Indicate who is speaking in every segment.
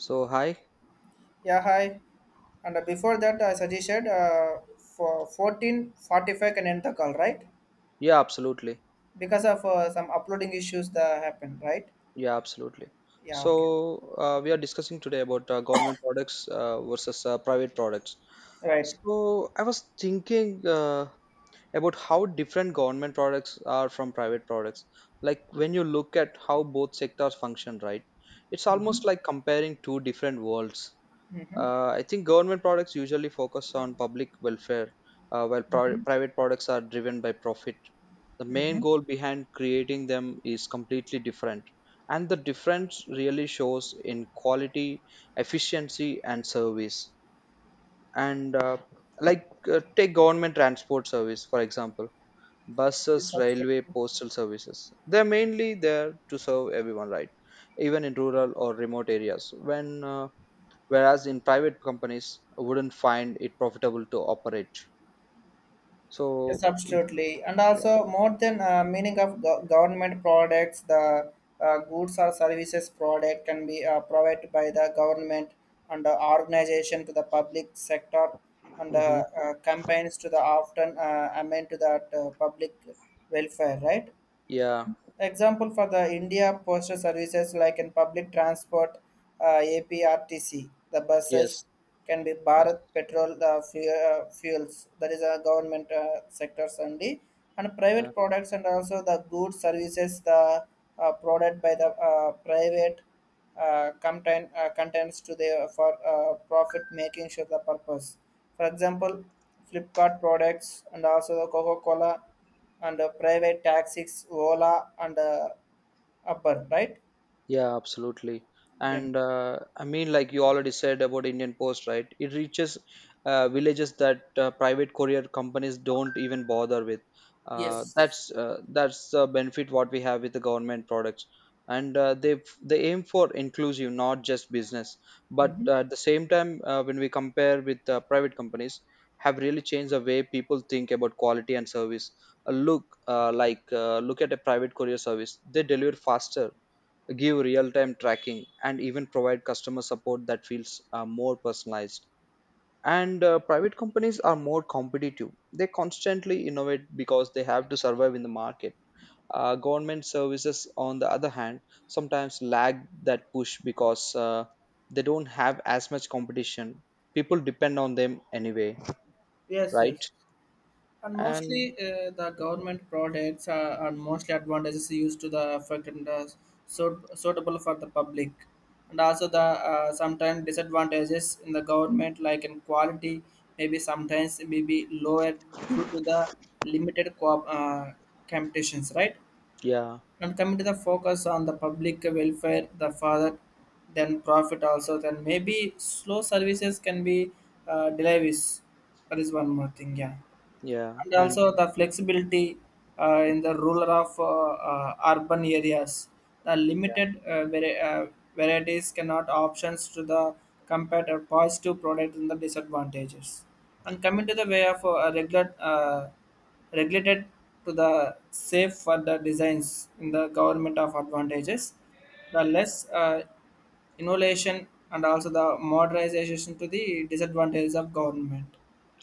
Speaker 1: So, hi.
Speaker 2: Yeah, hi. And before that, I suggested for 14:45 can end the call, right?
Speaker 1: Yeah, absolutely.
Speaker 2: Because of some uploading issues that happened, right?
Speaker 1: Yeah, absolutely.
Speaker 2: Yeah, okay,
Speaker 1: So, we are discussing today about government products versus private products.
Speaker 2: right.
Speaker 1: So, I was thinking about how different government products are from private products. Like when you look at how both sectors function, right? It's
Speaker 2: Mm-hmm.
Speaker 1: almost like comparing two different worlds.
Speaker 2: Mm-hmm.
Speaker 1: I think government products usually focus on public welfare, while private products are driven by profit. The main goal behind creating them is completely different, and the difference really shows in quality, efficiency, and service. And like Take government transport service for example, buses, railway,
Speaker 2: Mm-hmm.
Speaker 1: postal services. They're mainly there to serve everyone, right? Even in rural or remote areas, when whereas in private companies wouldn't find it profitable to operate
Speaker 2: Yes,
Speaker 1: so
Speaker 2: absolutely. And
Speaker 1: yeah,
Speaker 2: also, more than meaning of government products, the goods or services product can be provided by the government and the organization to the public sector, and
Speaker 1: mhm.
Speaker 2: campaigns to the often amend to that public welfare, right?
Speaker 1: Yeah.
Speaker 2: Example for the India postal services like in public transport, APRTC, the
Speaker 1: Yes,
Speaker 2: buses can be
Speaker 1: yes,
Speaker 2: Bharat Petrol fuels. That is a government sectors only, and
Speaker 1: yeah.
Speaker 2: private products and also the goods services the provided by the private content contents to the for profit making sure the purpose. For example, Flipkart products and also the Coca Cola and private taxis, Ola and Upper, right?
Speaker 1: Yeah, absolutely.
Speaker 2: Then.
Speaker 1: And like you already said about Indian Post, right? It reaches villages that private courier companies don't even bother with.
Speaker 2: Yes.
Speaker 1: That's the benefit what we have with the government products, and they aim for inclusive, not just business. But
Speaker 2: Mm-hmm.
Speaker 1: at the same time, when we compare with private companies, have really changed the way people think about quality and service. Look at a private courier service; they deliver faster, give real time tracking, and even provide customer support that feels more personalized. And private companies are more competitive. They constantly innovate because they have to survive in the market. Government services, on the other hand, sometimes lag that push because they don't have as much competition. People depend on them anyway,
Speaker 2: Yes,
Speaker 1: right?
Speaker 2: yes. And mostly
Speaker 1: And
Speaker 2: the government products are mostly advantages used to the effect and suitable for the public. And also the sometimes disadvantages in the government like in quality maybe sometimes maybe lower due to the limited competitions, right?
Speaker 1: yeah,
Speaker 2: And coming to the focus on the public welfare, the father, then profit also, then maybe slow services can be deliveries. That is one more thing, yeah,
Speaker 1: yeah,
Speaker 2: and
Speaker 1: and
Speaker 2: also the flexibility in the rural of urban areas, the limited varieties cannot options to the compared or positive product in the disadvantages, and coming to the way of regular regulated to the safe for the designs in the government of advantages, the less uh, innovation and also the modernization to the disadvantages of government.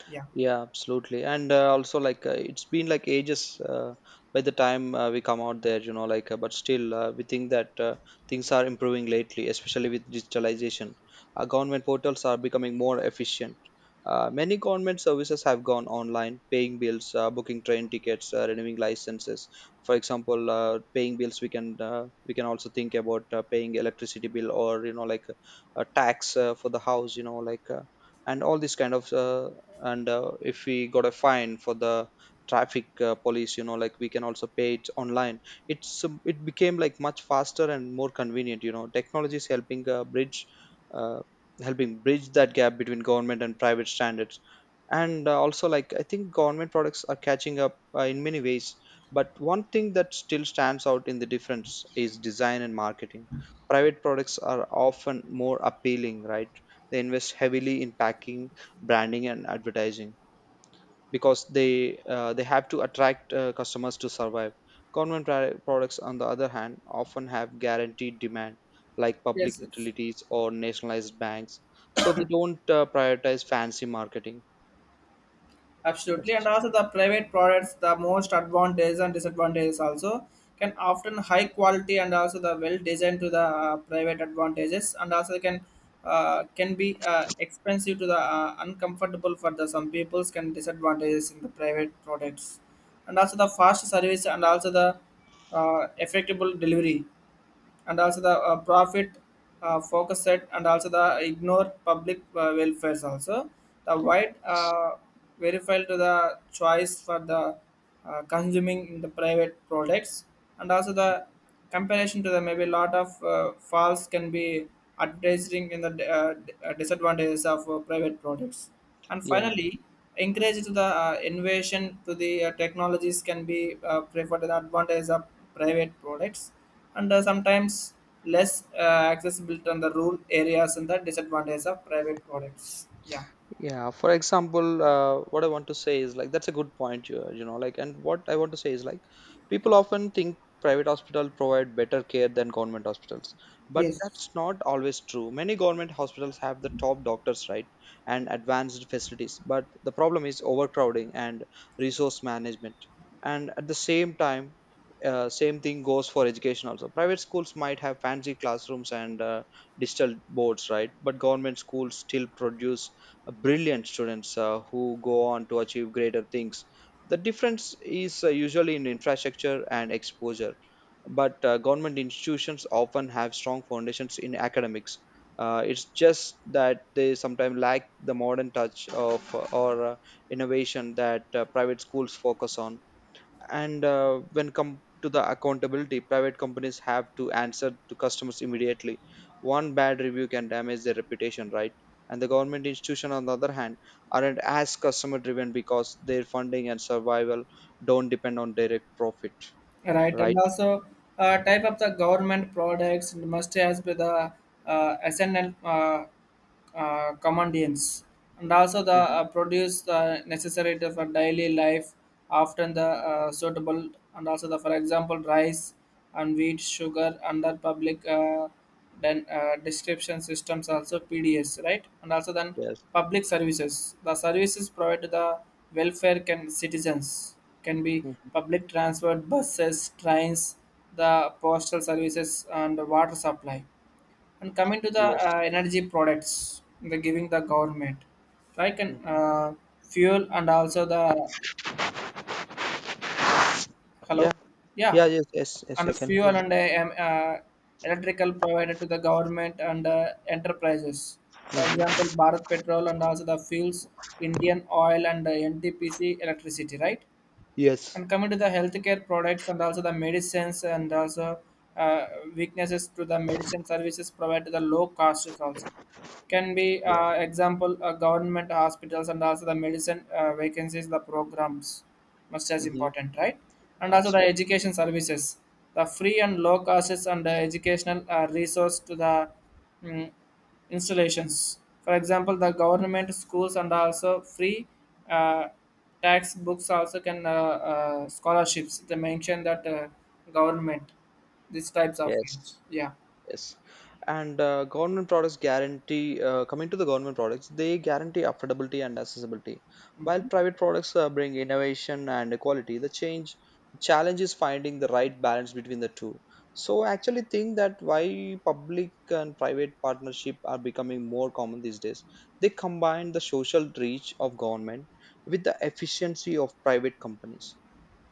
Speaker 2: Yeah,
Speaker 1: yeah, absolutely. And it's been like ages by the time we come out there, you know, but still, we think that things are improving lately, especially with digitalization. Government portals are becoming more efficient. Many government services have gone online: paying bills, booking train tickets, renewing licenses. For example, paying bills, we can also think about paying electricity bill, or you know like a tax for the house. You know like. And all this kind of and if we got a fine for the traffic police, you know like, we can also pay it online. It became like much faster and more convenient. You know, technology is helping bridge uh, helping bridge that gap between government and private standards. And also, like, I think government products are catching up in many ways, but one thing that still stands out in the difference is design and marketing. Private products are often more appealing, right? They invest heavily in packing, branding, and advertising, because they have to attract customers to survive. Products, on the other hand, often have guaranteed demand, like public
Speaker 2: yes, yes.
Speaker 1: utilities or nationalized banks, so they don't prioritize fancy marketing.
Speaker 2: Absolutely, and
Speaker 1: Yes,
Speaker 2: also the private products, the most advantages and disadvantages also can often high quality and also the well designed to the private advantages, and also can be expensive to the uncomfortable for the some people's can disadvantages in the private products, and also the fast service and also the effectable delivery, and also the profit focus set and also the ignore public welfares also the white verified to the choice for the consuming in the private products, and also the comparison to the maybe lot of false can be advertising in the disadvantages of private products, and
Speaker 1: yeah,
Speaker 2: finally encourage to the innovation to the technologies can be preferred to the advantage of private products, and sometimes less accessible to the rural areas and the disadvantage of private products. Yeah,
Speaker 1: yeah. For example, what I want to say is like, that's a good point, you know, like, and what I want to say is like, people often think private hospitals provide better care than government hospitals, but that's not always true. Many government hospitals have the top doctors, right? And advanced facilities, but the problem is overcrowding and resource management. And at the same time, same thing goes for education also. Private schools might have fancy classrooms and digital boards, right? But government schools still produce brilliant students who go on to achieve greater things. The difference is usually in infrastructure and exposure, but government institutions often have strong foundations in academics. It's just that they sometimes lack the modern touch of or innovation that private schools focus on. And when come to the accountability, private companies have to answer to customers immediately. One bad review can damage their reputation, right? And the government institution, on the other hand, aren't as customer driven, because their funding and survival don't depend on direct profit.
Speaker 2: right. And
Speaker 1: Right.
Speaker 2: also, type of the government products must has be the SNL. Commodities and also the
Speaker 1: Mhm.
Speaker 2: produce the necessary to- for daily life, often the suitable, and also the for example rice and wheat sugar under public then description systems also PDS, right? And also then
Speaker 1: Yes.
Speaker 2: public services, the services provided to the welfare can citizens, can be
Speaker 1: Mhm.
Speaker 2: public transport, buses, trains, the postal services and water supply. And coming to the
Speaker 1: Yes.
Speaker 2: energy products, the giving the government, like an
Speaker 1: Mhm.
Speaker 2: fuel and also the
Speaker 1: Yeah.
Speaker 2: hello, yeah,
Speaker 1: Yeah, yes, yes, yes,
Speaker 2: and
Speaker 1: you can hear.
Speaker 2: fuel and electrical provided to the government and enterprises. For example,
Speaker 1: Mhm.
Speaker 2: Bharat Petrol and also the fuels, Indian Oil and NTPC electricity, right?
Speaker 1: Yes.
Speaker 2: And coming to the healthcare products and also the medicines and also uh, weaknesses to the medicine services provided to the low costs also, can be
Speaker 1: Yeah.
Speaker 2: example government hospitals and also the medicine vacancies, the programs, much as
Speaker 1: Hmm.
Speaker 2: important, right? And also the
Speaker 1: Absolutely.
Speaker 2: education services, the free and low costs and the educational resource to the mm, installations. For example, the government schools and also free uh, textbooks, also can scholarships. They mention that government these types of
Speaker 1: Yes.
Speaker 2: things. Yeah.
Speaker 1: Yes, and government products guarantee. Coming to the government products, they guarantee affordability and accessibility, while private products bring innovation and equality. The change challenge is finding the right balance between the two. So, I actually think that why public and private partnership are becoming more common these days. They combine the social reach of government with the efficiency of private companies.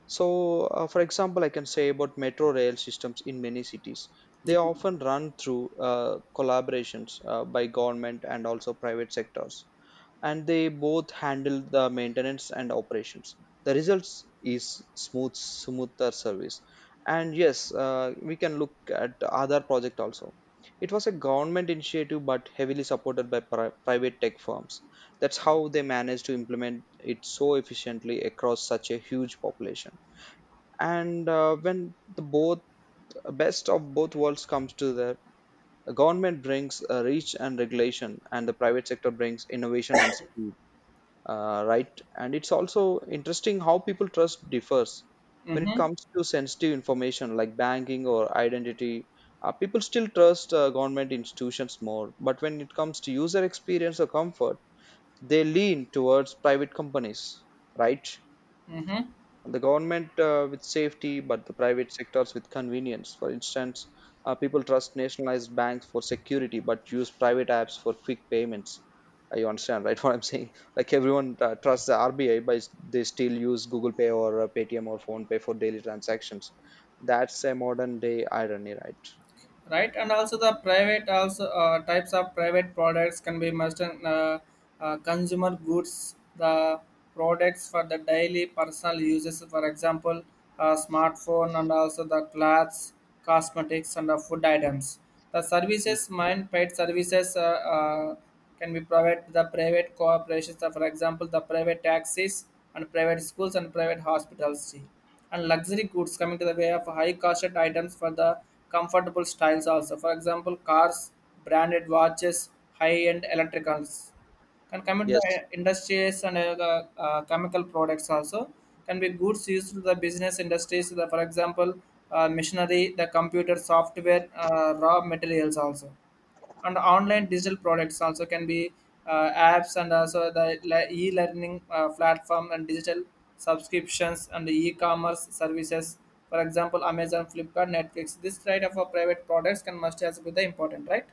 Speaker 1: So, for example, I can say about metro rail systems in many cities. They often run through collaborations by government and also private sectors, and they both handle the maintenance and operations. The results is smoother service. And yes, we can look at other project also. It was a government initiative, but heavily supported by private tech firms. That's how they managed to implement it so efficiently across such a huge population. And when the both best of both worlds comes to the government, brings reach and regulation, and the private sector brings innovation and speed. Right. And it's also interesting how people trust differs when it
Speaker 2: Mm-hmm.
Speaker 1: comes to sensitive information like banking or identity. People still trust government institutions more, but when it comes to user experience or comfort, they lean towards private companies, right?
Speaker 2: Mm-hmm.
Speaker 1: The government with safety, but the private sectors with convenience. For instance, people trust nationalized banks for security, but use private apps for quick payments. You understand, right? What I'm saying? Like, everyone trusts the RBI, but they still use Google Pay, or Paytm, or Phone Pay for daily transactions. That's a modern day irony, right?
Speaker 2: Right, and also the private also types of private products can be must consumer goods, the products for the daily personal uses, for example smartphone and also the clothes, cosmetics and the food items, the
Speaker 1: Mm.
Speaker 2: services mind paid services uh, can be provided the private corporations, for example the private taxis and private schools and private hospitals too, and luxury goods, coming to the way of high costed items for the comfortable styles, also for example cars, branded watches, high end electricals can come into the
Speaker 1: Yes.
Speaker 2: industries, and the, chemical products also can be goods used to the business industries. So, the, for example machinery, the computer software, raw materials also, and online digital products also can be apps and also the e-learning platform and digital subscriptions and the e-commerce services, for example Amazon, Flipkart, Netflix, this kind of a private products can must has be the important, right?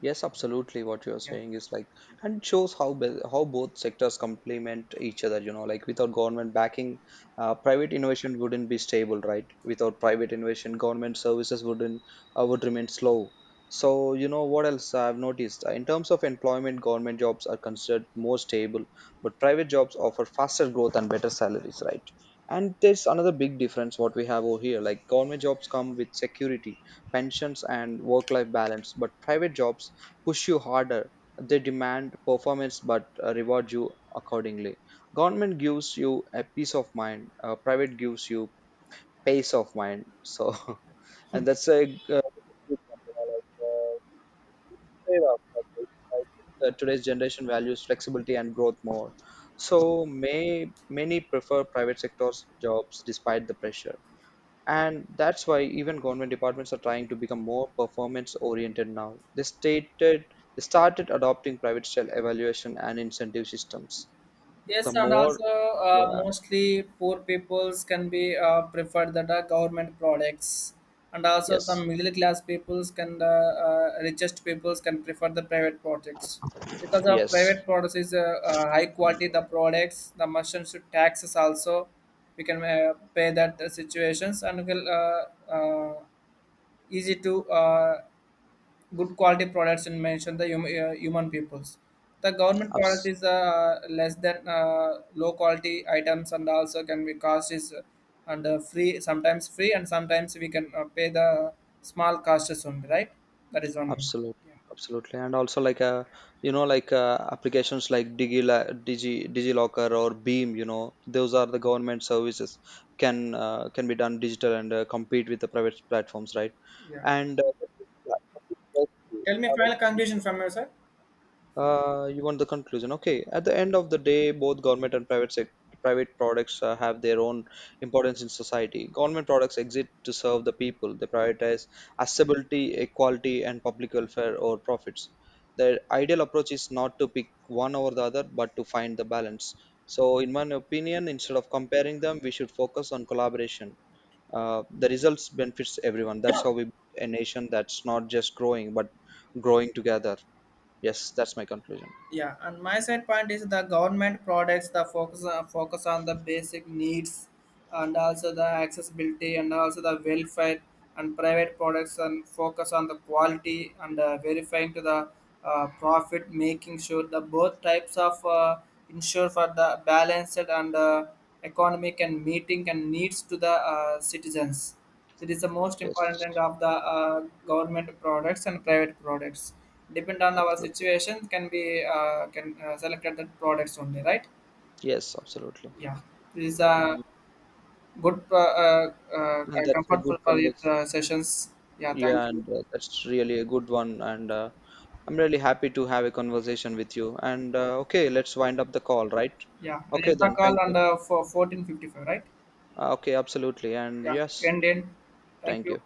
Speaker 1: Yes, absolutely. What you're
Speaker 2: Yeah.
Speaker 1: saying is like, and shows how how both sectors complement each other. You know, like, without government backing, private innovation wouldn't be stable, right? Without private innovation, government services wouldn't, would remain slow. So you know what else I've noticed. In terms of employment, government jobs are considered more stable, but private jobs offer faster growth and better salaries, right? And there's another big difference what we have over here. Like government jobs come with security, pensions, and work-life balance, but private jobs push you harder. They demand performance, but reward you accordingly. Government gives you a peace of mind, private gives you pace of mind. So, and that's a uh, trade-off. Today's generation values flexibility and growth more. So, may many prefer private sector's jobs despite the pressure, and that's why even government departments are trying to become more performance oriented now. They stated, they started adopting private style evaluation and incentive systems. The
Speaker 2: Yes, and
Speaker 1: more.
Speaker 2: also
Speaker 1: Yeah.
Speaker 2: mostly poor peoples can be preferred that are government products, and also
Speaker 1: Yes,
Speaker 2: some middle class peoples can richest peoples can prefer the private products, because of private
Speaker 1: yes.
Speaker 2: products is high quality, the products, the merchants should taxes also we can pay that situations and will easy to good quality products, and mention the human peoples, the government product
Speaker 1: abs-
Speaker 2: is less than low quality items and also can be cost is and free, sometimes free and sometimes we can pay the small costs only, right? That is one.
Speaker 1: Absolutely. Absolutely. And also, like, you know like, applications like digilocker or beam, you know, those are the government services. Can can be done digital, and compete with the private platforms, right? And
Speaker 2: Tell me final, sir.
Speaker 1: uh, you want the conclusion? Okay. At the end of the day, both government and private products have their own importance in society. Government products exist to serve the people. They prioritize accessibility, equality, and public welfare over profits. The ideal approach is not to pick one over the other, but to find the balance. So, in my opinion, instead of comparing them, we should focus on collaboration. The results benefits everyone. That's how we build a nation that's not just growing, but growing together. Yes, that's my conclusion.
Speaker 2: Yeah, and my side point is the government products the focus on the basic needs and also the accessibility and also the welfare, and private products and focus on the quality and verifying to the profit making sure the both types of ensure for the balanced and economic and meeting and needs to the citizens, it is the most
Speaker 1: Yes,
Speaker 2: important of the uh, government products and private products. Depend on our
Speaker 1: absolutely.
Speaker 2: situation, can be can select the products only, right?
Speaker 1: Yes, absolutely.
Speaker 2: Yeah, this is a
Speaker 1: And
Speaker 2: good,
Speaker 1: that's a good
Speaker 2: comfortable for it
Speaker 1: converse.
Speaker 2: sessions. Yeah, thank
Speaker 1: Yeah,
Speaker 2: you.
Speaker 1: and that's really a good one. And I'm really happy to have a conversation with you. And okay, let's wind up the call, right?
Speaker 2: Yeah, and in
Speaker 1: Okay,
Speaker 2: the
Speaker 1: then.
Speaker 2: call
Speaker 1: Thank
Speaker 2: on
Speaker 1: you.
Speaker 2: the for 14:55, right?
Speaker 1: Okay, absolutely. And
Speaker 2: Yeah,
Speaker 1: yes,
Speaker 2: end in. Thank
Speaker 1: thank
Speaker 2: you.
Speaker 1: you.